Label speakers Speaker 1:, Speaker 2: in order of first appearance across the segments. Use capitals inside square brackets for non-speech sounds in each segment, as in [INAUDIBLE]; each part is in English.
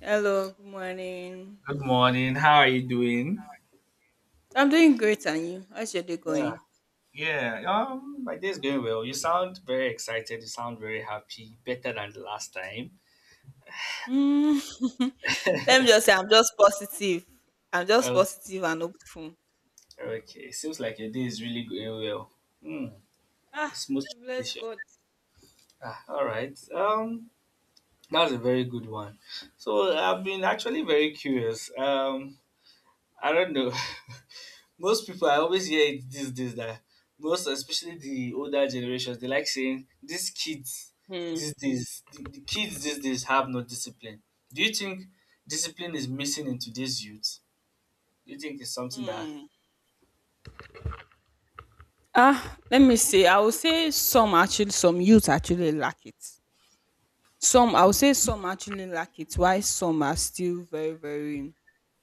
Speaker 1: Hello, good morning.
Speaker 2: Good morning. How are you doing?
Speaker 1: I'm doing great, and you? How's your day
Speaker 2: Yeah,
Speaker 1: going?
Speaker 2: yeah. My day's going well. You sound very excited. You sound very happy. Better than the last time.
Speaker 1: Mm. [LAUGHS] Let me
Speaker 2: [LAUGHS]
Speaker 1: just say, I'm just positive. I'm just
Speaker 2: Okay,
Speaker 1: positive and hopeful.
Speaker 2: okay. Seems like your day is really going well. Hmm.
Speaker 1: Ah,
Speaker 2: A smooth
Speaker 1: bless
Speaker 2: transition.
Speaker 1: God.
Speaker 2: Ah, all right. That's a very good one. So I've been actually very curious. I don't know. [LAUGHS] Most people I always hear it these days that most especially the older generations they like saying these kids
Speaker 1: Hmm.
Speaker 2: these days the kids these days have no discipline. Do you think discipline is missing in today's youth? Do you think it's something that.
Speaker 1: Hmm. Ah, let me see. I will say some actually, some youth actually lack it. Some, I will say some actually lack it. Why some are still very, very,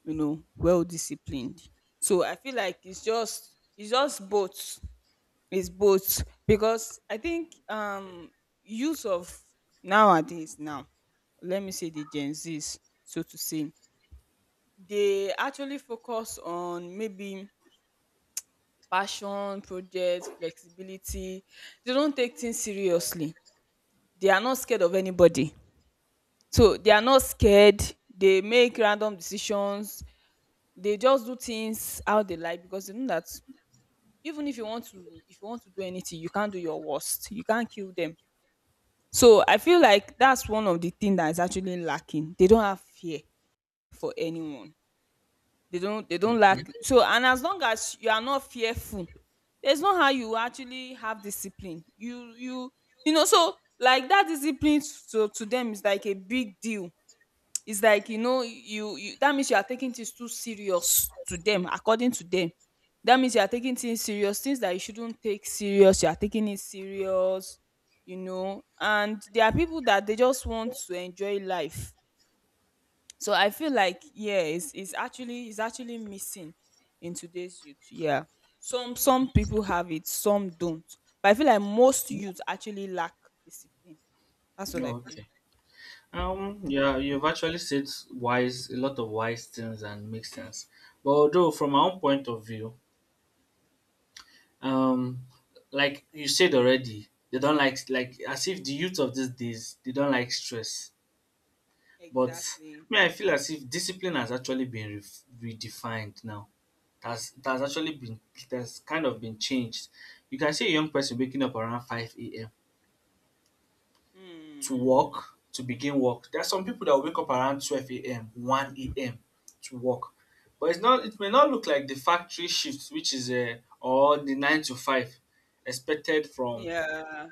Speaker 1: well disciplined. So I feel like it's just both. It's both because I think use of nowadays now, let me say the Gen Zs, so to say, they actually focus on maybe passion, projects, flexibility. They don't take things seriously. They are not scared of anybody. So they are not scared. They make random decisions. They just do things how they like because they know that even if you want to if you want to do anything, you can't do your worst. You can't kill them. So I feel like that's one of the things that is actually lacking. They don't have fear for anyone. They don't
Speaker 2: Okay.
Speaker 1: lack. So and as long as you are not fearful, there's not how you actually have discipline. You know, so like that discipline to them is like a big deal. It's like, you know, you that means you are taking things too serious to them, according to them. That means you are taking things serious, things that you shouldn't take serious, you are taking it serious, you know. And there are people that they just want to enjoy life. So I feel like yeah, it's actually missing in today's youth. Yeah. Some people have it, some don't. But I feel like most youth actually lack discipline. That's what
Speaker 2: No,
Speaker 1: I feel.
Speaker 2: okay. Yeah, you've actually said wise a lot of wise things and makes sense. But although from my own point of view, um like you said already, they don't like as if the youth of these days they don't like stress. But
Speaker 1: Exactly.
Speaker 2: me, I feel as if discipline has actually been redefined now. It has kind of been changed. You can see a young person waking up around 5 a.m.
Speaker 1: Mm.
Speaker 2: To begin work. There are some people that will wake up around 12 a.m., 1 a.m. to work. But it may not look like the factory shift, which is, or the 9 to 5 expected from
Speaker 1: Yeah.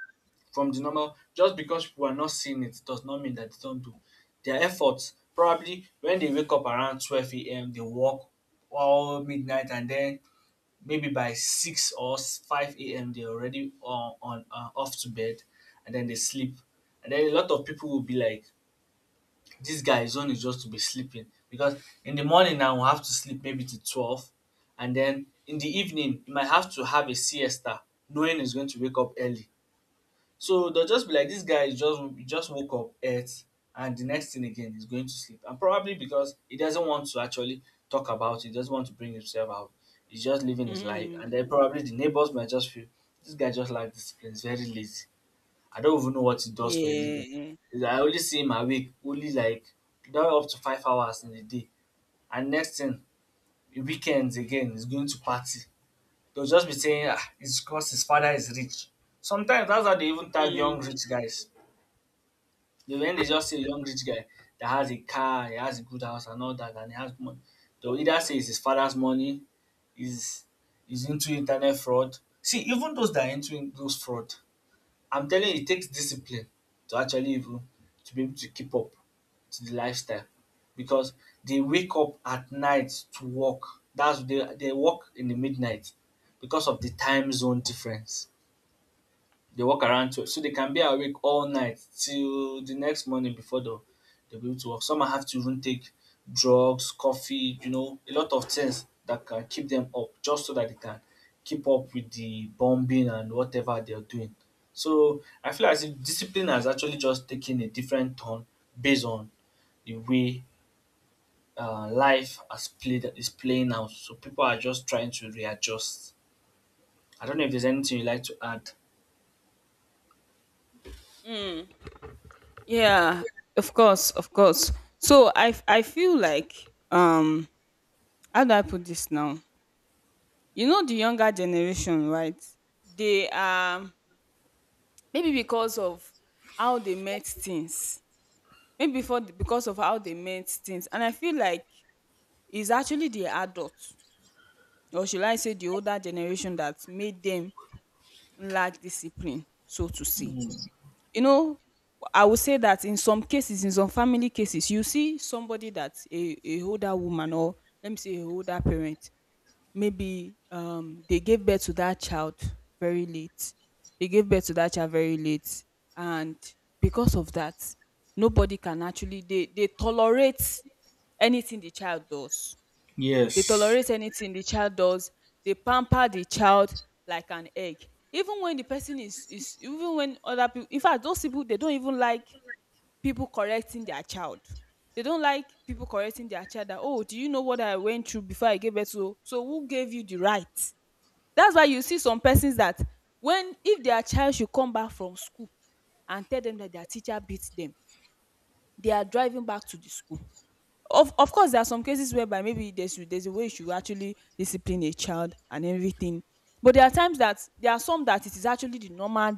Speaker 2: from the normal. Just because people are not seeing it does not mean that they do not do their efforts. Probably when they wake up around 12 a.m they work all midnight, and then maybe by 6 or 5 a.m they're already on off to bed and then they sleep. And then a lot of people will be like, this guy is only just to be sleeping because in the morning now we'll have to sleep maybe to 12, and then in the evening you might have to have a siesta, knowing he's going to wake up early. So they'll just be like, this guy is just he just woke up, ate, and the next thing again he's going to sleep. And probably because he doesn't want to actually talk about it, doesn't want to bring himself out. He's just living his life.
Speaker 1: Mm,
Speaker 2: And then probably the neighbors might just feel this guy just like discipline, he's very lazy. I don't even know what he does for a living.
Speaker 1: yeah.
Speaker 2: I only see him awake, only like not up to 5 hours in a day. And next thing, weekends again, he's going to party. They'll just be saying, ah, it's because his father is rich. Sometimes that's how they even tag young rich guys. They when they just see a young rich guy that has a car, he has a good house and all that and he has money, they will either say it's his father's money, is is into internet fraud. See even those that are into those fraud, I'm telling you it takes discipline to actually even to be able to keep up to the lifestyle, because they wake up at night to work. That's they work in the midnight because of the time zone difference. They work around 12 so they can be awake all night till the next morning before they'll be able to work. Some have to even take drugs, coffee, a lot of things that can keep them up just so that they can keep up with the bombing and whatever they're doing. So I feel as if discipline has actually just taken a different turn based on the way life has played is playing out. So people are just trying to readjust. I don't know if there's anything you like to add.
Speaker 1: Mm, yeah. Of course, of course. So I feel like how do I put this now? You know the younger generation, right? They are maybe because of how they met things. Maybe for the, because of how they met things. And I feel like it's actually the adults, or should I say the older generation that made them lack discipline, so to say. You know, I would say that in some cases, in some family cases, you see somebody that a older woman, or let me say a older parent, maybe they gave birth to that child very late, they gave birth to that child very late. And because of that, nobody can actually, they tolerate anything the child does, they
Speaker 2: Yes.
Speaker 1: tolerate anything the child does. They pamper the child like an egg. Even when the person is, even when other people, in fact those people, they don't even like people correcting their child. They don't like people correcting their child, that oh, do you know what I went through before I gave birth to, so who gave you the right? That's why you see some persons that when, if their child should come back from school and tell them that their teacher beat them, they are driving back to the school. Of course, there are some cases whereby maybe there's a way you should actually discipline a child and everything, but there are times that there are some that it is actually the normal,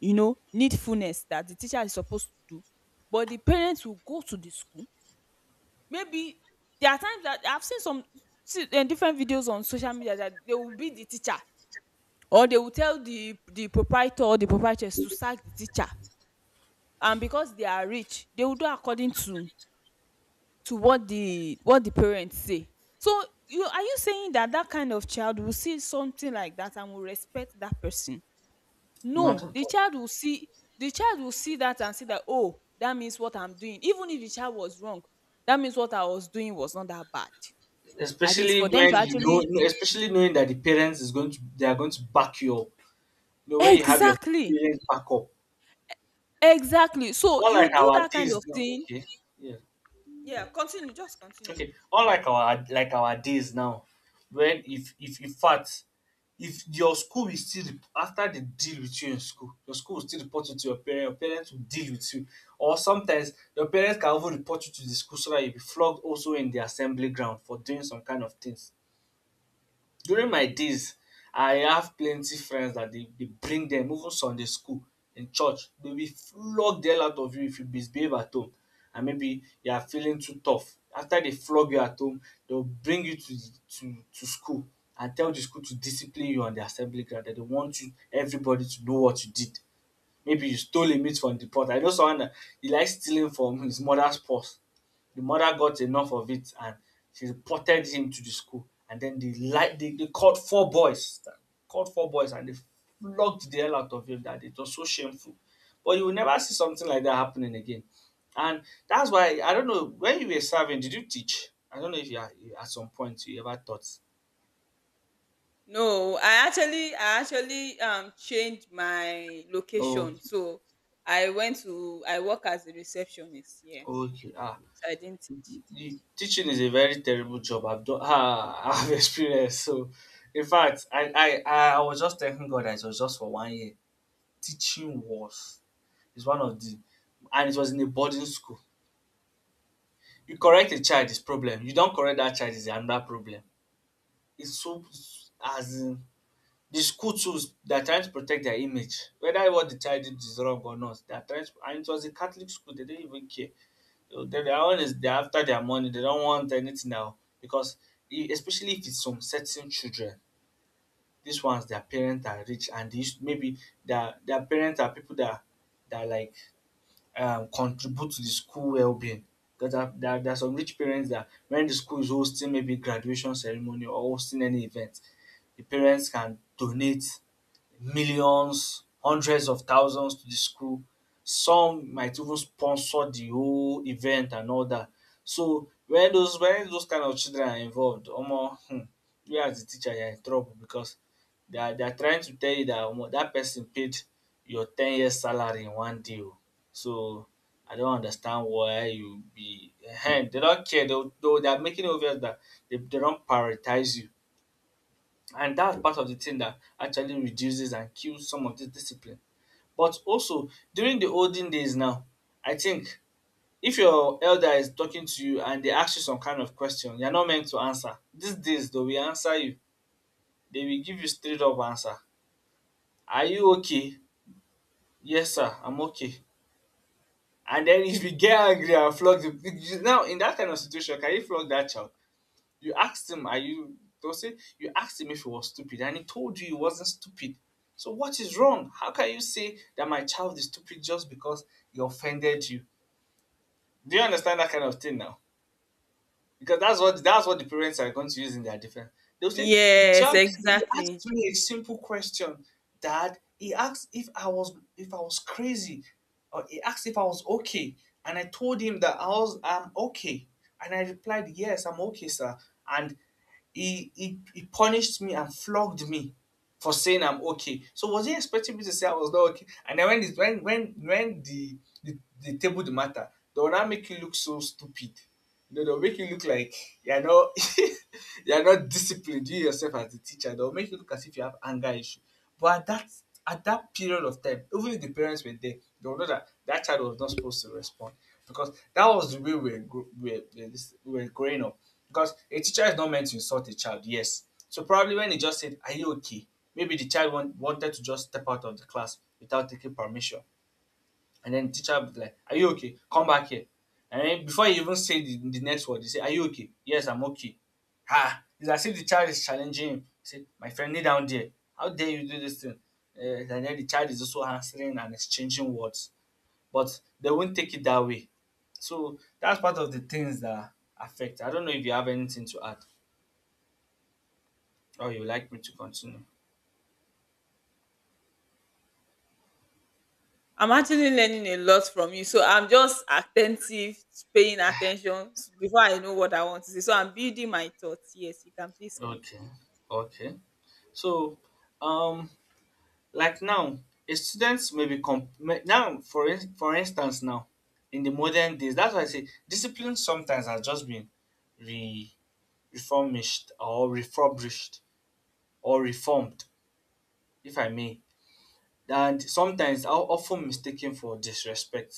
Speaker 1: you know, needfulness that the teacher is supposed to do, but the parents will go to the school. Maybe there are times that I've seen some, see, different videos on social media, that they will be the teacher, or they will tell the proprietor or the proprietress to sack the teacher. And because they are rich, they will do according to what the, what the parents say. So you are, you saying that that kind of child will see something like that and will respect that person?
Speaker 2: Not
Speaker 1: No,
Speaker 2: at
Speaker 1: the
Speaker 2: all.
Speaker 1: child will see, the child will see that and see that, oh, that means what I'm doing, even if the child was wrong, that means what I was doing was not that bad, at least
Speaker 2: Especially
Speaker 1: for them to
Speaker 2: when you
Speaker 1: actually.
Speaker 2: know, especially knowing that the parents is going to they are going to back you up. When you have your
Speaker 1: Exactly.
Speaker 2: parents back up.
Speaker 1: Exactly, so
Speaker 2: Unlike
Speaker 1: you do
Speaker 2: our
Speaker 1: that kind
Speaker 2: days
Speaker 1: of
Speaker 2: now.
Speaker 1: thing.
Speaker 2: Okay. Yeah.
Speaker 1: Yeah, continue.
Speaker 2: Okay. Unlike our days now, when if in fact if your school is still rep- after they deal with you in school, your school will still report you to your parents will deal with you. Or sometimes your parents can even report you to the school so that you be flogged also in the assembly ground for doing some kind of things. During my days, I have plenty friends that they bring them even Sunday school, in church dey will flog the hell out of you if you misbehave at home, and maybe you are feeling too tough. After they flog you at home, they will bring you to to school and tell the school to discipline you on the assembly ground. That they want you everybody to know what you did. Maybe you stole a meat from the pot. I know someone that he likes stealing from his mother's purse. The mother got enough of it, and she reported him to the school. And then they called four boys, and they flogged the hell out of him. That it was so shameful. But you will never see something like that happening again. And that's why I don't know, when you were serving, did you teach? I don't know if you are, at some point you ever taught.
Speaker 1: No, I actually changed my
Speaker 2: Oh,
Speaker 1: location. So I went to, I work as a receptionist here.
Speaker 2: okay. Ah,
Speaker 1: So I didn't teach.
Speaker 2: the teaching is a very terrible job. I've done. Ah, [LAUGHS] I've experienced. So, in fact, I was just thanking God that it was just for one year. Teaching was is one of the and it was in a boarding school. You correct a child is problem, you don't correct that child is another problem. It's so, as in, the school too, they are trying to protect their image whether what the child did is wrong or not they are trying to and it was a Catholic school, they didn't even care. So they are after their money, they don't want anything now because e especially if it's some certain children. These ones their parents are rich, and these maybe their parents are people that like contribute to the school wellbeing. Because there are some rich parents that when the school is hosting maybe graduation ceremony or hosting any event, the parents can donate millions, hundreds of thousands to the school. Some might even sponsor the whole event and all that. So when those kind of children are involved, omo, you as the teacher you are in trouble, because they are trying to tell you that omo dat person paid your 10 years salary in one day oo. So I don't understand why you be, they not care, they are making it obvious that they don't prioritize you, and that's part of the thing that actually reduces and kills some of this discipline. But also during the olden days now, I think if your elder is talking to you and they ask you some kind of question, you're not meant to answer. These days they will answer you. They will give you straight up answer. Are you okay? Yes, sir, I'm okay. And then if you get angry and flog the now in that kind of situation, can you flog that child? You asked him, are you, they'll say? You asked him if he was stupid, and he told you he wasn't stupid. So, what is wrong? How can you say that my child is stupid just because he offended you? Do you understand that kind of thing now? Because that's what the parents are going to use in their defense. They'll say the
Speaker 1: Yes,
Speaker 2: child
Speaker 1: exactly.
Speaker 2: asked me a simple question, Dad. He asked if I was crazy, or he asked if I was okay, and I told him that I'm okay, and I replied yes, I'm okay, sir, and he punished me and flogged me for saying I'm okay. So was he expecting me to say I was not okay? And then when it, when the they table the matter, they will now make you look so stupid. They'll make you look like you're not [LAUGHS] you're not disciplined, you yourself as the teacher. They'll make you look as if you have anger issue. But at that period of time, even if the parents were there, they'll know that that child was not supposed to respond because that was the way we were, gro- we were this- we were growing up. Because a teacher is not meant to insult a child, yes. So probably when he just said, "Are you okay?" Maybe the child wanted to just step out of the class without taking permission. And then the teacher will be like, are you okay? Come back here. And then before you even say the next word, you say, Are you okay? Yes, I'm okay. It's as if the child is challenging him. Say, My friend, kneel down there. How dare you do this thing? And then the child is also answering and exchanging words. But they won't take it that way. So that's part of the things that affect. I don't know if you have anything to add or you like me to continue.
Speaker 1: I'm actually learning a lot from you. So I'm just attentive, paying attention. Before I know what I want to say, so I'm building my thoughts. Yes, you can please
Speaker 2: Okay.
Speaker 1: continue.
Speaker 2: Okay. So um like now, a students may be comp- may- now for instance now in the modern days. That's why I say discipline sometimes has just been re- reformished or refurbished or reformed, if I may. And sometimes are often mistaken for disrespect.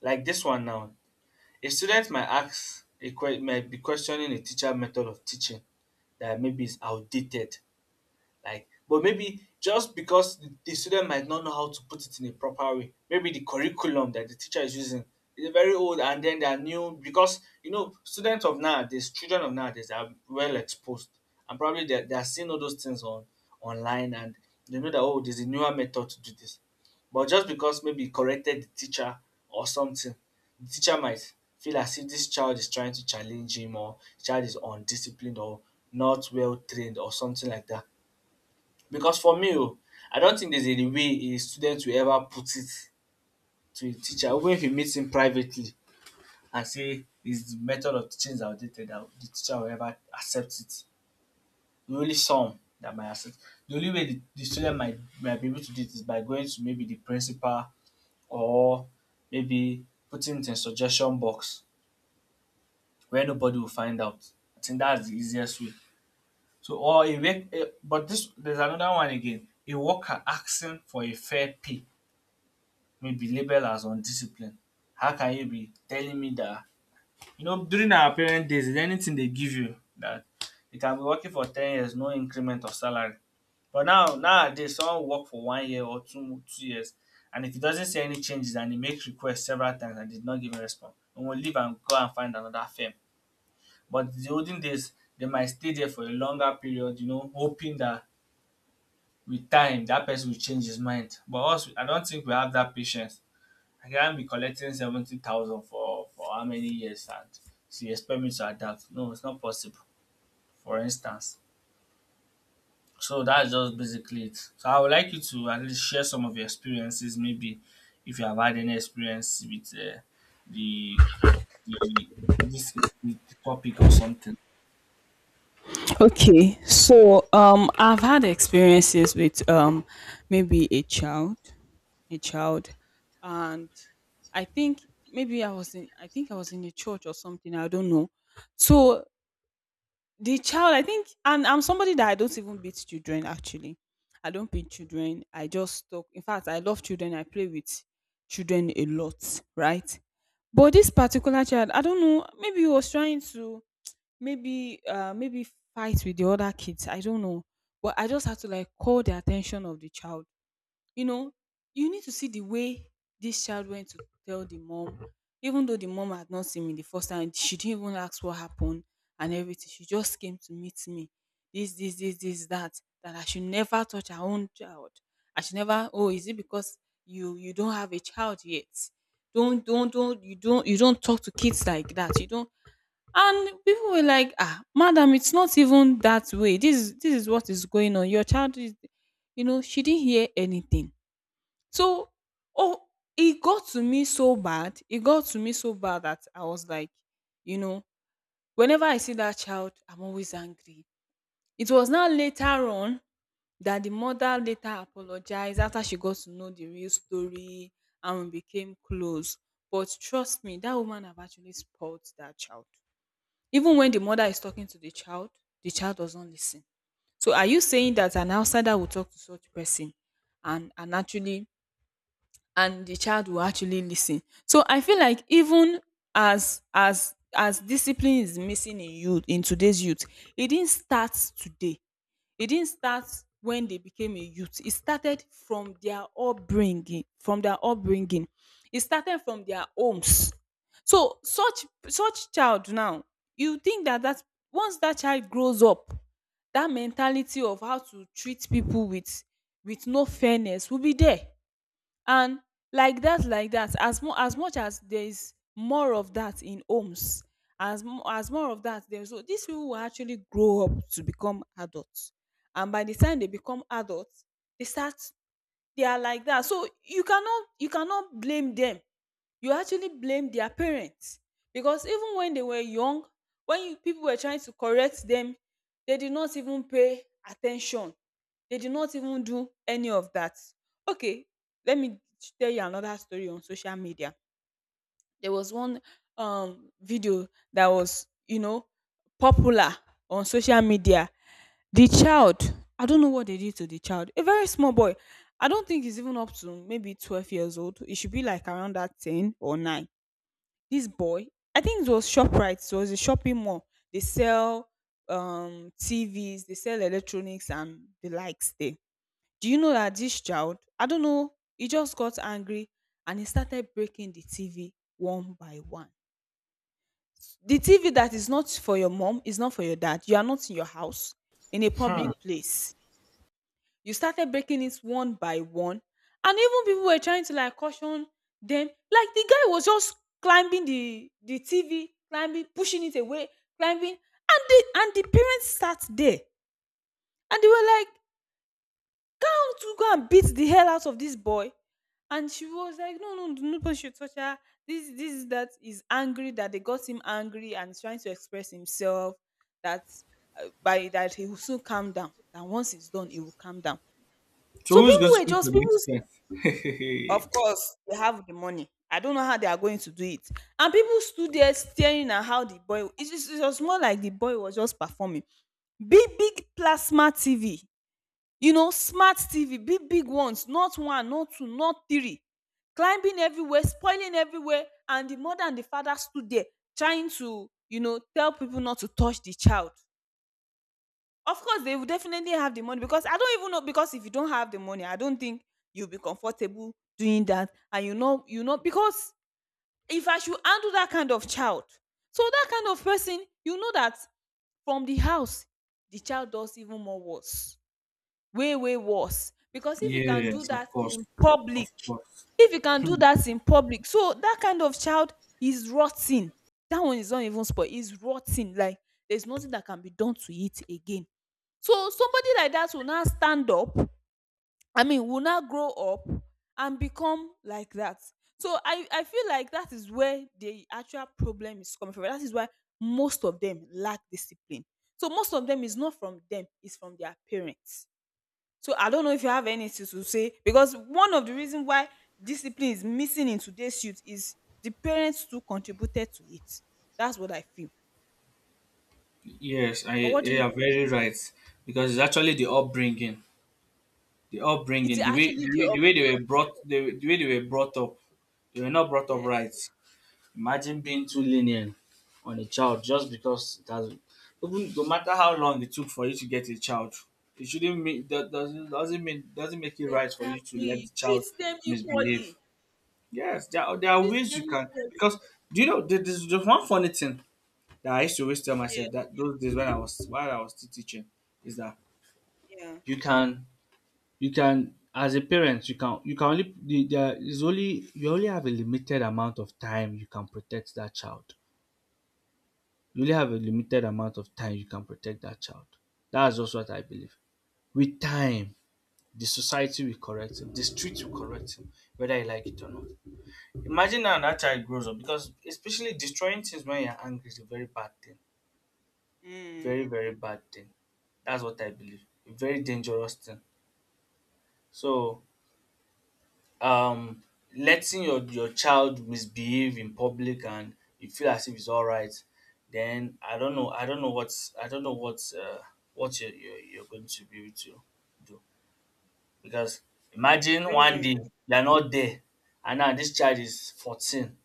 Speaker 2: Like this one now, a student might might be questioning a teacher method of teaching that maybe is outdated like but maybe just because the student might not know how to put it in a proper way, maybe the curriculum that the teacher is using is very old and then there are new because you know students of nowadays, children of nowadays are well exposed and probably they're seeing all those things on online, and they know that oh there's a newer method to do this. But just because maybe he corrected the teacher or something, the teacher might feel as if this child is trying to challenge him or the child is undisciplined or not well trained or something like that. Because for me oh, I don't think there's any way a student will ever put it to a teacher even if he meets him privately and say his method of teaching is outdated that the teacher will ever accept it. The only some that might accept. The only way the student might be able to do it is by going to maybe the principal or maybe putting it in suggestion box where nobody will find out. I think that's the easiest way. So or a rec- a but this There's another one again, a worker asking for a fair pay may be labeled as undisciplined. How can you be telling me that you know during our parent days is anything they give you that you can be working for 10 years no increment of salary, but now nowadays someone work for 1 year or two years, and if he doesn't see any changes and he make request several times and did not give a response, he will leave and go and find another firm. But the olden days they might stay there for a longer period, you know, hoping that with time that person will change his mind. But us, I don't think we have that patience. I can't be collecting 70,000 for how many years, and so you expect me to adapt. No, it's not possible, for instance. So that's just basically it. So I would like you to at least share some of your experiences, maybe if you have had any experience with the, the this the topic or something.
Speaker 1: Okay, so I've had experiences with maybe a child. A child. And I think maybe I was in, I think I was in a church or something, I don't know. So the child, I think, and I'm somebody that I don't even beat children actually. I don't beat children, I just talk. In fact, I love children, I play with children a lot, right? But this particular child, I don't know, maybe he was trying to, maybe fight with the other kids, I don't know. But I just had to like call the attention of the child. You know, you need to see the way this child went to tell the mom. Even though the mom had not seen me the first time, she didn't even ask what happened and everything. She just came to meet me. This, that, that I should never touch her own child. I should never, oh, is it because you don't have a child yet? Don't, you don't talk to kids like that. You don't. And people were like, ah, madam, it's not even that way, this is, this is what is going on, your child is, you know, she didn't hear anything. So, oh, it got to me so bad. It got to me so bad that I was like, you know, whenever I see that child, I'm always angry. It was now later on that the mother later apologized after she got to know the real story, and we became close. But trust me, that woman have actually spoiled that child. Even when the mother is talking to the child doesn't listen. So are you saying that an outsider will talk to such person, and actually, and the child will actually listen? So I feel like even as discipline is missing in youth, in today's youth, it didn't start today. It didn't start when they became a youth. It started from their upbringing, from their upbringing. It started from their homes. So such, such child now, you think that that once that child grows up, that mentality of how to treat people with no fairness will be there. And like that, as much as there is more of that in homes, as more of that there is, so these people will actually grow up to become adults. And by the time they become adults, they start, they are like that. So you cannot, you cannot blame them, you actually blame their parents, because even when they were young, when you, people were trying to correct them, they did not even pay attention, they did not even do any of that. Okay, let me tell you another story. On social media, there was one video that was, you know, popular on social media. The child, I don't know what they did to the child, a very small boy. I don't think he's even up to maybe 12 years old, he should be like around that 10 or 9. This boy, I think it was Shoprite, it was a shopping mall. They sell TVs, they sell electronics and the likes there. Do you know that this child, I don't know, he just got angry and he started breaking the TV one by one. The TV that is not for your mom, is not for your dad, you are not in your house, in a public place, you started breaking it one by one. And even people were trying to like caution them. Like the guy was just climbing the TV, climbing, pushing it away, climbing. And the, and the parents sat there, and they were like, come to go and beat the hell out of this boy. And she was like, no, no, nobody should touch her, this, that is angry, that they got him angry and he's trying to express himself, that by that he will soon calm down, that once it's done he will calm down.
Speaker 2: So
Speaker 1: So
Speaker 2: who's
Speaker 1: people
Speaker 2: going to
Speaker 1: were
Speaker 2: speak for
Speaker 1: just,
Speaker 2: the
Speaker 1: people,
Speaker 2: expert?
Speaker 1: of course, they have the money. I don't know how they are going to do it. And people stood there staring at how the boy, it is, it was more like the boy was just performing. Big, big plasma TV, you know, smart TV, big, big ones, not one, not two, not three, climbing everywhere, spoiling everywhere. And the mother and the father stood there trying to, tell people not to touch the child. Of course, they will definitely have the money because I don't even know. Because if you don't have the money, I don't think you'll be comfortable doing that. And because if I should handle that kind of child, so that kind of person, you know that from the house, the child does even more worse, way, way worse. Because if you can do
Speaker 2: Yes, of
Speaker 1: that
Speaker 2: course,
Speaker 1: in public,
Speaker 2: of course.
Speaker 1: if you can do that in public, so that kind of child is rotting. That one is not even spoiled, it's rotting. Like there's nothing that can be done to it again so somebody like that will now stand up, I mean, will now grow up and become like that. So I feel like that is where the actual problem is coming from. That is why most of them lack discipline. So most of them is not from them, it's from their parents. So I don't know if you have anything to say because one of the reasons why discipline is missing in today's youth is the parents too contributed to it. That's what I feel.
Speaker 2: Yes, I
Speaker 1: Or what do
Speaker 2: you
Speaker 1: you
Speaker 2: are
Speaker 1: think?
Speaker 2: very right because it's actually the upbringing. The
Speaker 1: It's
Speaker 2: upbringing, the way
Speaker 1: actually
Speaker 2: the
Speaker 1: the
Speaker 2: way, the way they
Speaker 1: upbringing.
Speaker 2: were brought, the way they were brought up, they were not brought up right.
Speaker 1: Yes.
Speaker 2: Imagine being too lenient on a child just because it has, even no matter how long it took for you to get a child, it shouldn't mean that doesn't make it right for you to let
Speaker 1: Exactly.
Speaker 2: the
Speaker 1: Treat
Speaker 2: child
Speaker 1: them
Speaker 2: misbehave.
Speaker 1: equally.
Speaker 2: Yes, there are
Speaker 1: Treat
Speaker 2: ways
Speaker 1: them
Speaker 2: you can
Speaker 1: equally.
Speaker 2: because do you know there's just one funny thing that I used to always tell
Speaker 1: Yeah,
Speaker 2: myself that those days when I was while I was still teaching is that
Speaker 1: yeah.
Speaker 2: you can you can as a parent you can only the there is only you only have a limited amount of time you can protect that child. You only have a limited amount of time you can protect that child. That's just what I believe. With time, the society will correct him, the street will correct him, whether you like it or not. Imagine now that child grows up because especially destroying things when you're angry is a very bad thing.
Speaker 1: Mm.
Speaker 2: Very, very bad thing. That's what I believe. A very dangerous thing. So um letting your child misbehave in public and you feel as if it's all right, then I don't know what you you're going to be able to do because
Speaker 1: It's
Speaker 2: imagine
Speaker 1: very,
Speaker 2: one
Speaker 1: very.
Speaker 2: day
Speaker 1: You
Speaker 2: you're not there and now this child is 14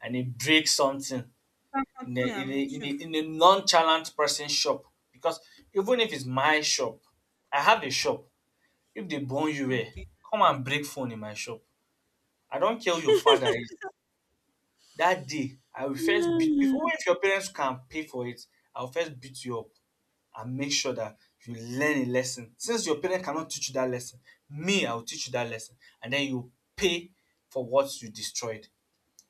Speaker 2: and he breaks something
Speaker 1: can continue. I'm with you.
Speaker 2: in a nonchalant person shop. Because even if it's my shop, I have a shop, if they burn you eh,
Speaker 1: Okay.
Speaker 2: come and break phone in my shop, I don't care who your father is. That day I will first beat before,
Speaker 1: Mm.
Speaker 2: even if your parents can pay for it, I will first beat you up and make sure that you learn a lesson. Since your parent cannot teach you that lesson, me I will teach you that lesson and then you pay for what you destroyed.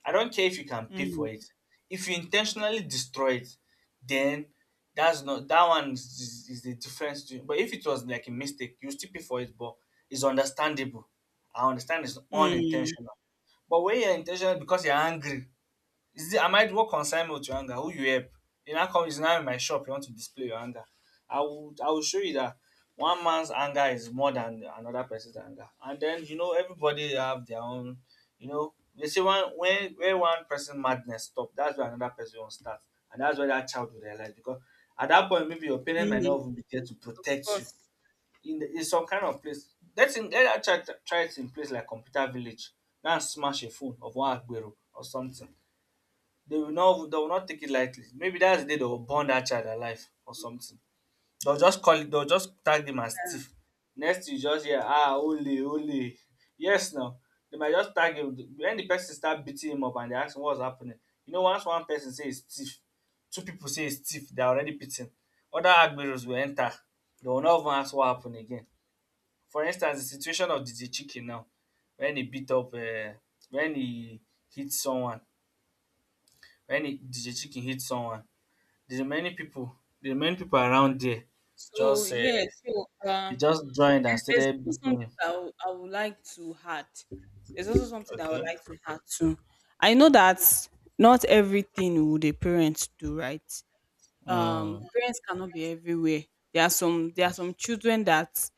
Speaker 2: I don't care if you can pay for
Speaker 1: Mm.
Speaker 2: it. If you intentionally destroy it, then that's not that one is is a different story. But if it was like a mistake, you still pay for it but it's understandable. I understand it's
Speaker 1: Mm.
Speaker 2: unintentional. But when you're intentional because you're angry is this, I might work consignment to your anger. Who you help? You now come, it's now in my shop. You want to display your anger. I will show you that one man's anger is more than another person's anger. And then you know everybody have their own. You know they say one when where one person madness stop, that's where another person will start, and that's where that child will realize because at that point maybe your parent might
Speaker 1: Mm.
Speaker 2: not even be there to
Speaker 1: Of
Speaker 2: protect you
Speaker 1: course.
Speaker 2: in the, in some kind of place. Let that child try it in place like computer village. Now smash a phone of one agbero or something. They will not take it lightly. Maybe that's the day they will burn that child alive or something. They'll just tag him as thief. Next you just hear ah holy holy. Yes now. They might just tag him when the person start beating him up and they ask him what's happening. You know, once one person say it's thief, two people say it's thief, they're already beaten. Other agberos will enter. They will not even ask what happened again. For instance, the situation of DJ Chicken now, when he beat up when he hit someone, when he, DJ Chicken hit someone, the many people, the many people around there,
Speaker 1: So
Speaker 2: just
Speaker 1: yeah.
Speaker 2: they just joined and
Speaker 1: There's
Speaker 2: started
Speaker 1: also
Speaker 2: beating
Speaker 1: something
Speaker 2: him.
Speaker 1: that I would like to add. There's also something that I would
Speaker 2: Okay.
Speaker 1: like to add too. I know that not everything would a parent do right,
Speaker 2: Mm.
Speaker 1: parents cannot be everywhere. There are some children that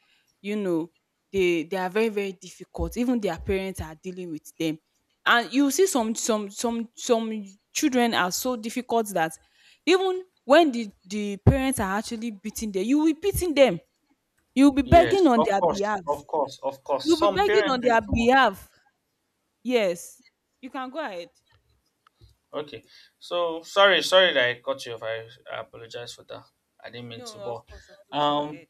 Speaker 1: you know they are very difficult, even their parents are dealing with them, and you see some children are so difficult that even when the parents are actually beating them, you will be beating them, you will be
Speaker 2: Yes,
Speaker 1: begging on
Speaker 2: of
Speaker 1: their
Speaker 2: course,
Speaker 1: behalf,
Speaker 2: of course, of course.
Speaker 1: you will be
Speaker 2: Some
Speaker 1: begging
Speaker 2: parents
Speaker 1: on
Speaker 2: do it
Speaker 1: their
Speaker 2: too much.
Speaker 1: behalf. Yes, you can go ahead.
Speaker 2: Okay, so sorry, sorry that I cut you off. I apologize for that. I didn't mean
Speaker 1: No,
Speaker 2: to,
Speaker 1: of
Speaker 2: but
Speaker 1: course, of course, go
Speaker 2: um,
Speaker 1: ahead.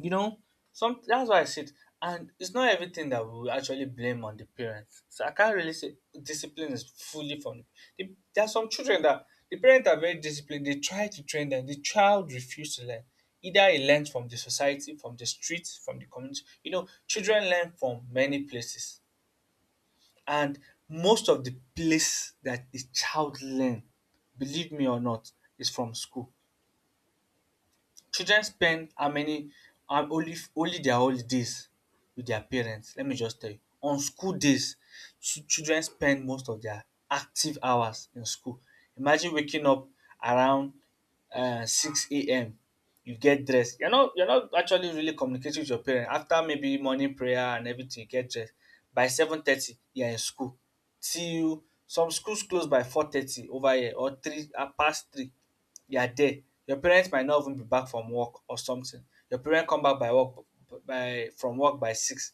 Speaker 2: you know some that's why I said and it's not everything that we actually blame on the parents, so I can't really say discipline is fully from the, there are some children that the parents are very disciplined, they try to train them, the child refuses to learn. Either he learns from the society, from the streets, from the community, you know children learn from many places. And most of the place that the child learn, believe me or not, is from school. Children spend how many only their holidays with their parents, let me just tell you. On school days children spend most of their active hours in school. Imagine waking up around six a.m., you get dressed, you're not actually really communicating with your parent. After maybe morning prayer and everything you get dressed. By 7:30 you are in school till some schools close by 4:30 over here or 3 past three you are there. Your parents might not even be back from work or something. Your parents come back by work by from work by 6.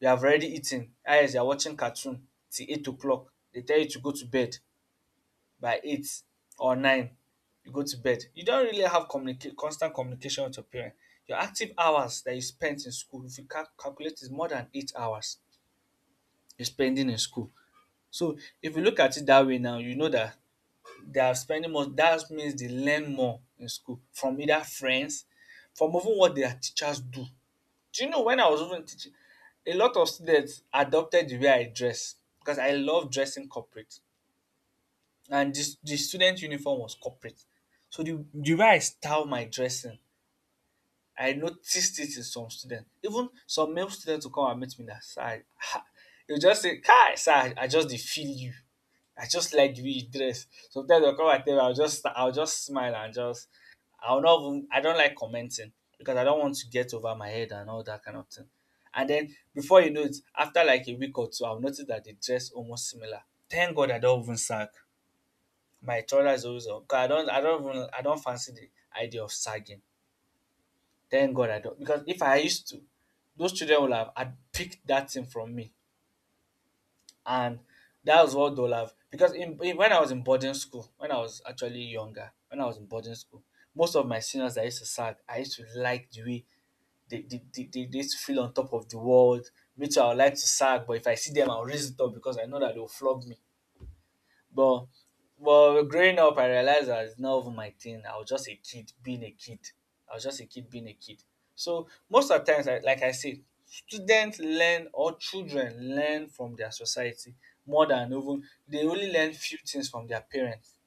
Speaker 2: You have already eaten. Eyes, you are watching cartoon till 8 o'clock. They tell you to go to bed by 8 or 9. You go to bed. You don't really have constant communication with your parents. Your active hours that you spent in school, if you calculate, is more than 8 hours you're spending in school. So if you look at it that way now, you know that they are spending more, that means they learn more in school, from either friends, from even what their teachers do. Do you know when I was even teaching, a lot of students adopted the way I dress because I love dressing corporate and the student uniform was corporate. So the way I style my dressing, I noticed it in some students. Even some male students will come and meet me now. Sir, I, [LAUGHS] they'll just say, Kai, sir, I just dey feel you. I just like the way you dress. Sometimes they'll come and tell me, I'll just smile and just I'll not even I don't like commenting because I don't want to get over my head and all that kind of thing. And then before you know it, after like a week or two, I've noticed that they dress almost similar. Thank God I don't even sag. My trouser is always up. 'Cause I don't fancy the idea of sagging. Thank God I don't, because if I used to, those children would have had picked that thing from me, and that was what they will have. Because when I was in boarding school, when I was actually younger, when I was in boarding school, most of my seniors that I used to sag, I used to like the way they used to feel on top of the world. Me too, I would like to sag, but if I see them, I'll raise it up because I know that they'll flog me. But growing up, I realized that it's not even my thing. I was just a kid being a kid. I was just a kid being a kid. So most of the times, like I said, students learn or children learn from their society more than even, they only
Speaker 1: Yeah,
Speaker 2: learn few things from their parents.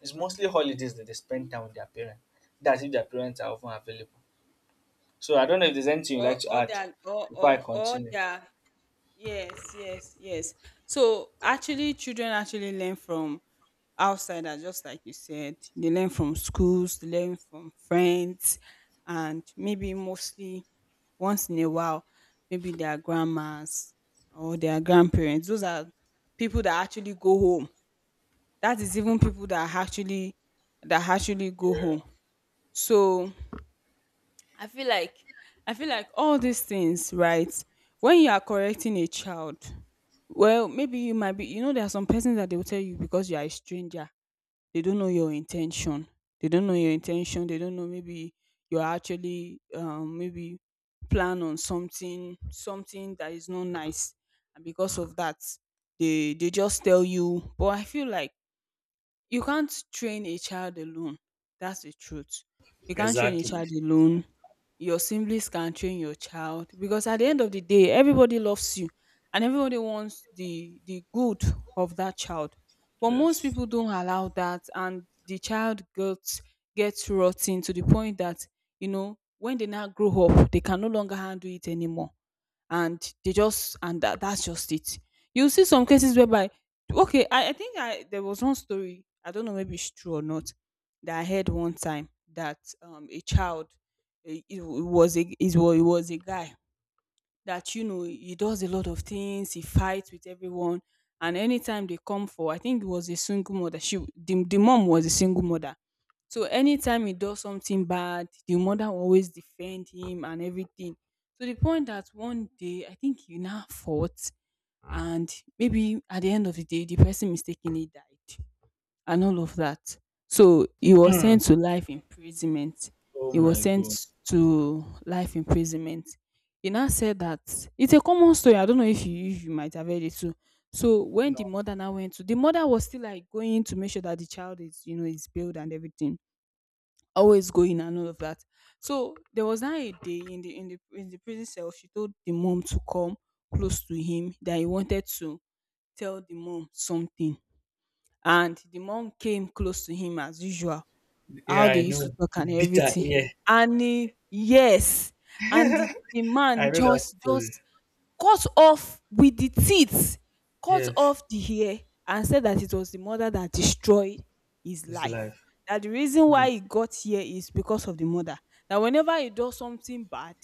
Speaker 2: It's mostly
Speaker 1: exactly.
Speaker 2: holidays that they spend time with their parents. That's if their parents are often available. So I don't know if there's anything you'd
Speaker 1: All
Speaker 2: like to
Speaker 1: or
Speaker 2: add
Speaker 1: their all,
Speaker 2: before I
Speaker 1: all or
Speaker 2: continue.
Speaker 1: their yes, yes, yes. So actually children actually learn from outsiders, just like you said. They learn from schools, they learn from friends, and maybe mostly once in a while, maybe their grandmas or their grandparents. Those are people that actually go home. That is even people that actually go home. So I feel like I feel like all these things, right? When you are correcting a child, well, maybe you might be, you know, there are some persons that they will tell you because you are a stranger, they don't know your intention. They don't know your intention, they don't know maybe you're actually maybe plan on something that is not nice, and because of that they just tell you. But I feel like you can't train a child alone. That's the truth. You can't train a
Speaker 2: Exactly.
Speaker 1: child alone, your siblings can train your child, because at the end of the day, everybody loves you and everybody wants the good of that child. But most
Speaker 2: Yes.
Speaker 1: people don't allow that, and the child gets rotten to the point that, you know, when they now grow up, they can no longer handle it anymore, and they just, and that's just it. You see some cases whereby, okay, I think I there was one story, I don't know maybe it's true or not, that I heard one time that a child, eh, it, w- it was a guy that, you know, he does a lot of things, he fights with everyone, and anytime they come for, I think it was a single mother, the mom was a single mother. So anytime he does something bad, the mother will always defend him and everything. To the point that one day, I think he now fought, and maybe at the end of the day, the person mistakenly died, and all of that. So he was sent to life imprisonment.
Speaker 2: Oh
Speaker 1: He was
Speaker 2: my
Speaker 1: sent
Speaker 2: god.
Speaker 1: to life imprisonment. He now said that it's a common story. I don't know if you, if you might have heard it too. So when the
Speaker 2: No.
Speaker 1: mother now went to, the mother was still like going to make sure that the child is, you know, is bailed and everything, always going and all of that. So there was now a day in the prison cell, she told the mom to come close to him that he wanted to tell the mom something. And the mom came close to him as usual,
Speaker 2: Yeah,
Speaker 1: how they
Speaker 2: I
Speaker 1: used to
Speaker 2: know.
Speaker 1: talk and
Speaker 2: Bitter,
Speaker 1: everything.
Speaker 2: yeah.
Speaker 1: And he, yes, and the
Speaker 2: I
Speaker 1: man
Speaker 2: know that
Speaker 1: just
Speaker 2: story.
Speaker 1: just cut off with the teeth, cut
Speaker 2: Yes,
Speaker 1: off the hair, and said that it was the mother that destroyed his
Speaker 2: it's
Speaker 1: life,
Speaker 2: life.
Speaker 1: that the reason why he got here is because of the mother, that whenever he does something bad,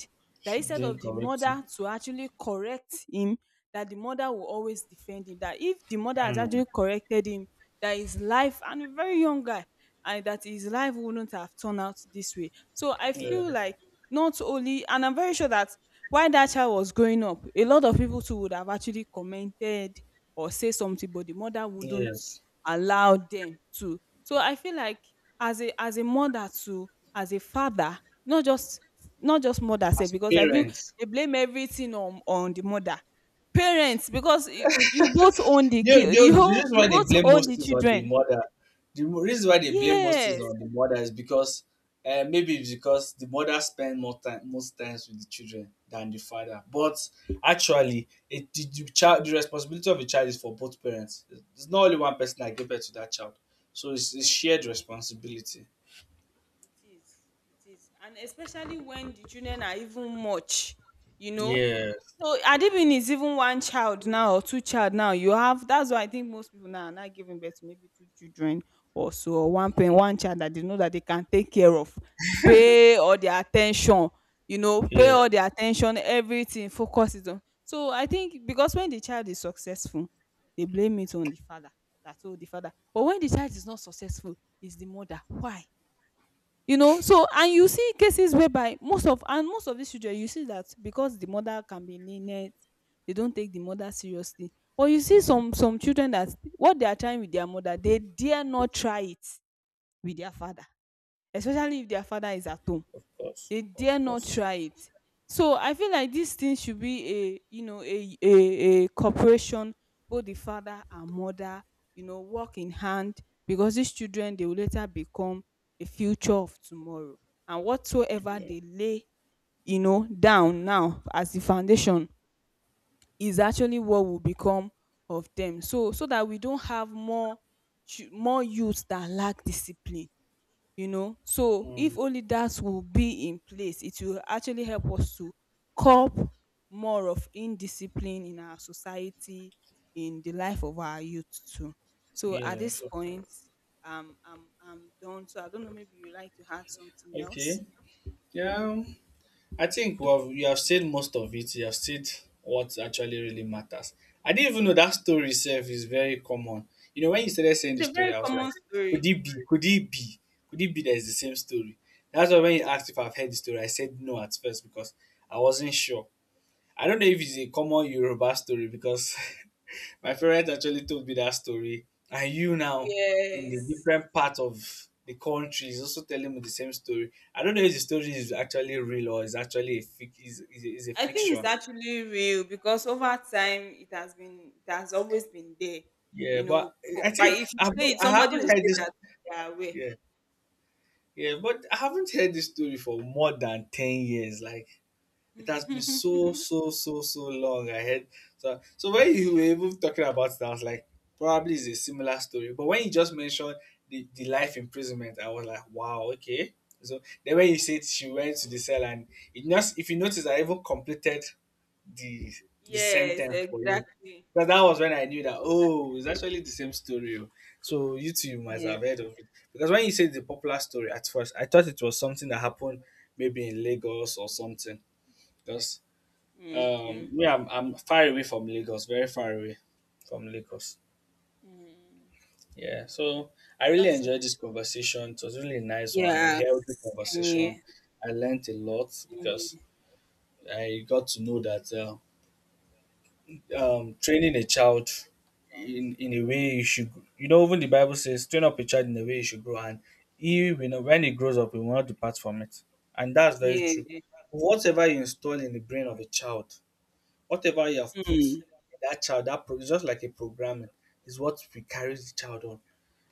Speaker 1: that
Speaker 2: She
Speaker 1: instead
Speaker 2: didn't
Speaker 1: of the
Speaker 2: correct him.
Speaker 1: mother to actually correct him, that the mother will always defend him, that if the mother has
Speaker 2: Hmm.
Speaker 1: actually corrected him, that his life, and a very young guy, and that his life wouldn't have turned out this way. So I
Speaker 2: Yeah.
Speaker 1: feel like, not only, and I'm very sure that while that child was growing up, a lot of people too would have actually commented or say something, but the mother wouldn't
Speaker 2: Yes.
Speaker 1: allow them to. So I feel like as a mother too, as a father, not just not just mother sef,
Speaker 2: As
Speaker 1: because I feel
Speaker 2: parents,
Speaker 1: they blame everything on the mother. Parents, because you both own the
Speaker 2: you
Speaker 1: kid,
Speaker 2: know,
Speaker 1: you
Speaker 2: the reason
Speaker 1: you
Speaker 2: why they
Speaker 1: both
Speaker 2: blame
Speaker 1: own
Speaker 2: most
Speaker 1: the
Speaker 2: is on the
Speaker 1: children.
Speaker 2: mother. The reason why they blame most is
Speaker 1: Yes.
Speaker 2: on the mother is because maybe it's because the mother spends more time, most times, with the children than the father. But actually, it the child, the responsibility of a child is for both parents. It's not only one person that gave birth to that child, so it's
Speaker 1: Yes.
Speaker 2: shared responsibility.
Speaker 1: It is, it is. And especially when the children are even much, you know.
Speaker 2: Yeah.
Speaker 1: So Adibin is even one child now or two child now. You have, that's why I think most people now are not giving birth to maybe two children or so, or one child that they know that they can take care of, pay all their attention, you know, pay
Speaker 2: Yeah.
Speaker 1: all their attention, everything, focus is on. So I think because when the child is successful, they blame it on the father. That's all the father. But when the child is not successful, it's the mother. Why? You know, so, and you see cases whereby most of these children, you see that because the mother can be lenient, they don't take the mother seriously. But you see some children that what they are trying with their mother they dare not try it with their father, especially if their father is at home,
Speaker 2: Of course,
Speaker 1: they dare
Speaker 2: of
Speaker 1: not
Speaker 2: course.
Speaker 1: try it. So I feel like this thing should be a, you know, a cooperation, both the father and mother, you know, work in hand, because these children, they will later become a future of tomorrow, and whatsoever
Speaker 2: Yeah.
Speaker 1: they lay, you know, down now as the foundation is actually what will become of them. So so that we don't have more youths that lack discipline, you know. So
Speaker 2: Mm,
Speaker 1: if only that will be in place, it will actually help us to curb more of indiscipline in our society, in the life of our youth too. So at
Speaker 2: yeah.
Speaker 1: this
Speaker 2: So,
Speaker 1: point, I'm done, so I don't know maybe you like to add something else.
Speaker 2: okay. Yeah. I think we have you have said most of it. You have said what actually really matters. I didn't even know that story itself is very common. You know, when you started saying
Speaker 1: It's
Speaker 2: the
Speaker 1: a
Speaker 2: story,
Speaker 1: very
Speaker 2: I was like,
Speaker 1: common
Speaker 2: could
Speaker 1: story.
Speaker 2: it be? Could it be? Could it be that it's the same story? That's why when you asked if I've heard the story, I said no at first because I wasn't sure. I don't know if it's a common Yoruba story because [LAUGHS] my parents actually told me that story. And you now, in the
Speaker 1: Yes.
Speaker 2: different part of the country, is also telling me the same story. I don't know if the story is actually real or is actually is a
Speaker 1: I think it's
Speaker 2: fiction.
Speaker 1: actually real because over time it has been, it has always been there.
Speaker 2: Yeah,
Speaker 1: You
Speaker 2: but
Speaker 1: know, but
Speaker 2: I think
Speaker 1: if you
Speaker 2: I've,
Speaker 1: say it,
Speaker 2: I
Speaker 1: somebody
Speaker 2: haven't
Speaker 1: will
Speaker 2: heard
Speaker 1: say
Speaker 2: this.
Speaker 1: that they are aware.
Speaker 2: Yeah, yeah, but I haven't heard this story for more than 10 years. Like, it has been so long. I had so so, when you were even talking about it, I was like, probably it's a similar story. But when you just mentioned the life imprisonment, I was like, wow, okay. So then when you said she went to the cell and it just, if you notice, I even completed the the
Speaker 1: Yes,
Speaker 2: sentence for you.
Speaker 1: exactly.
Speaker 2: Because that was when I knew that, oh,
Speaker 1: Exactly.
Speaker 2: it's actually the same story. Oh. So you two, you must have
Speaker 1: Yes.
Speaker 2: heard of it. Because when you said the popular story at first, I thought it was something that happened maybe in Lagos or something, because
Speaker 1: Okay.
Speaker 2: me, I'm far away from Lagos, very far away from Lagos,
Speaker 1: Mm,
Speaker 2: yeah.
Speaker 1: mm.
Speaker 2: So I really
Speaker 1: That's okay.
Speaker 2: enjoyed this conversation. It was really a nice one, a
Speaker 1: Yeah,
Speaker 2: healthy
Speaker 1: same here.
Speaker 2: conversation. I learned a lot
Speaker 1: Same here.
Speaker 2: because I got to know that training a child in a way you should, you know, even the Bible says train up a child in a way you should grow and he will not, when he grows up he will not depart from it, and that's very
Speaker 1: Yeah.
Speaker 2: true. Whatever you install in the brain of a child, whatever you have put
Speaker 1: Mm,
Speaker 2: in that child, it's just like a programming, is what we carry the child on.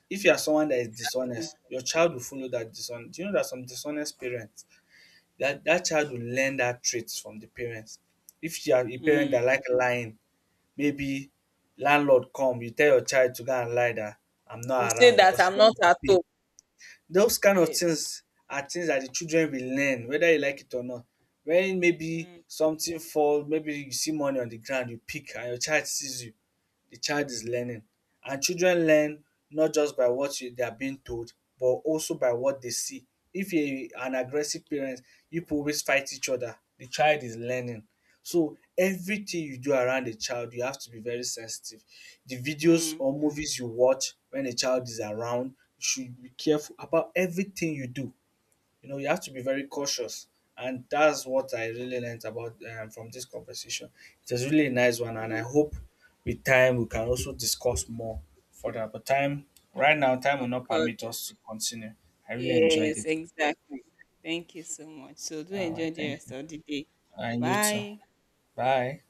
Speaker 2: If you are someone that is
Speaker 1: exactly.
Speaker 2: dishonest, your child will follow that dishonest. Do you know that some dishonest parents, that child will learn that traits from the parents. If you are a parent
Speaker 1: Mm.
Speaker 2: that like lying, maybe landlord come, you tell your child to go and lie that I'm
Speaker 1: To
Speaker 2: not
Speaker 1: say
Speaker 2: around
Speaker 1: that
Speaker 2: because you
Speaker 1: I'm
Speaker 2: don't
Speaker 1: not
Speaker 2: want to
Speaker 1: at
Speaker 2: pay.
Speaker 1: home.
Speaker 2: Those kind of
Speaker 1: Yes.
Speaker 2: things are things that the children will learn whether you like it or not. When maybe
Speaker 1: Mm,
Speaker 2: something fall, maybe you see money on the ground, you pick and your child sees you, the child is learning. And children learn not just by what you, they are being told, but also by what they see. If you are an aggressive parent, you people always fight each other, the child is learning. So everything you do around the child, you have to be very sensitive. The videos
Speaker 1: mm.
Speaker 2: or movies you watch when a child is around, you should be careful about everything you do. You know, you have to be very cautious, and that's what I really learned about, from this conversation. It was really a nice one, and I hope with time we can also discuss more further, but time, right now time will
Speaker 1: Of
Speaker 2: not
Speaker 1: course.
Speaker 2: permit us to continue. I really enjoyed
Speaker 1: Yes,
Speaker 2: it.
Speaker 1: exactly. Thank you so much. So do
Speaker 2: All right,
Speaker 1: enjoy the
Speaker 2: thank
Speaker 1: rest
Speaker 2: you,
Speaker 1: of the day.
Speaker 2: and you too.
Speaker 1: Bye.
Speaker 2: Bye.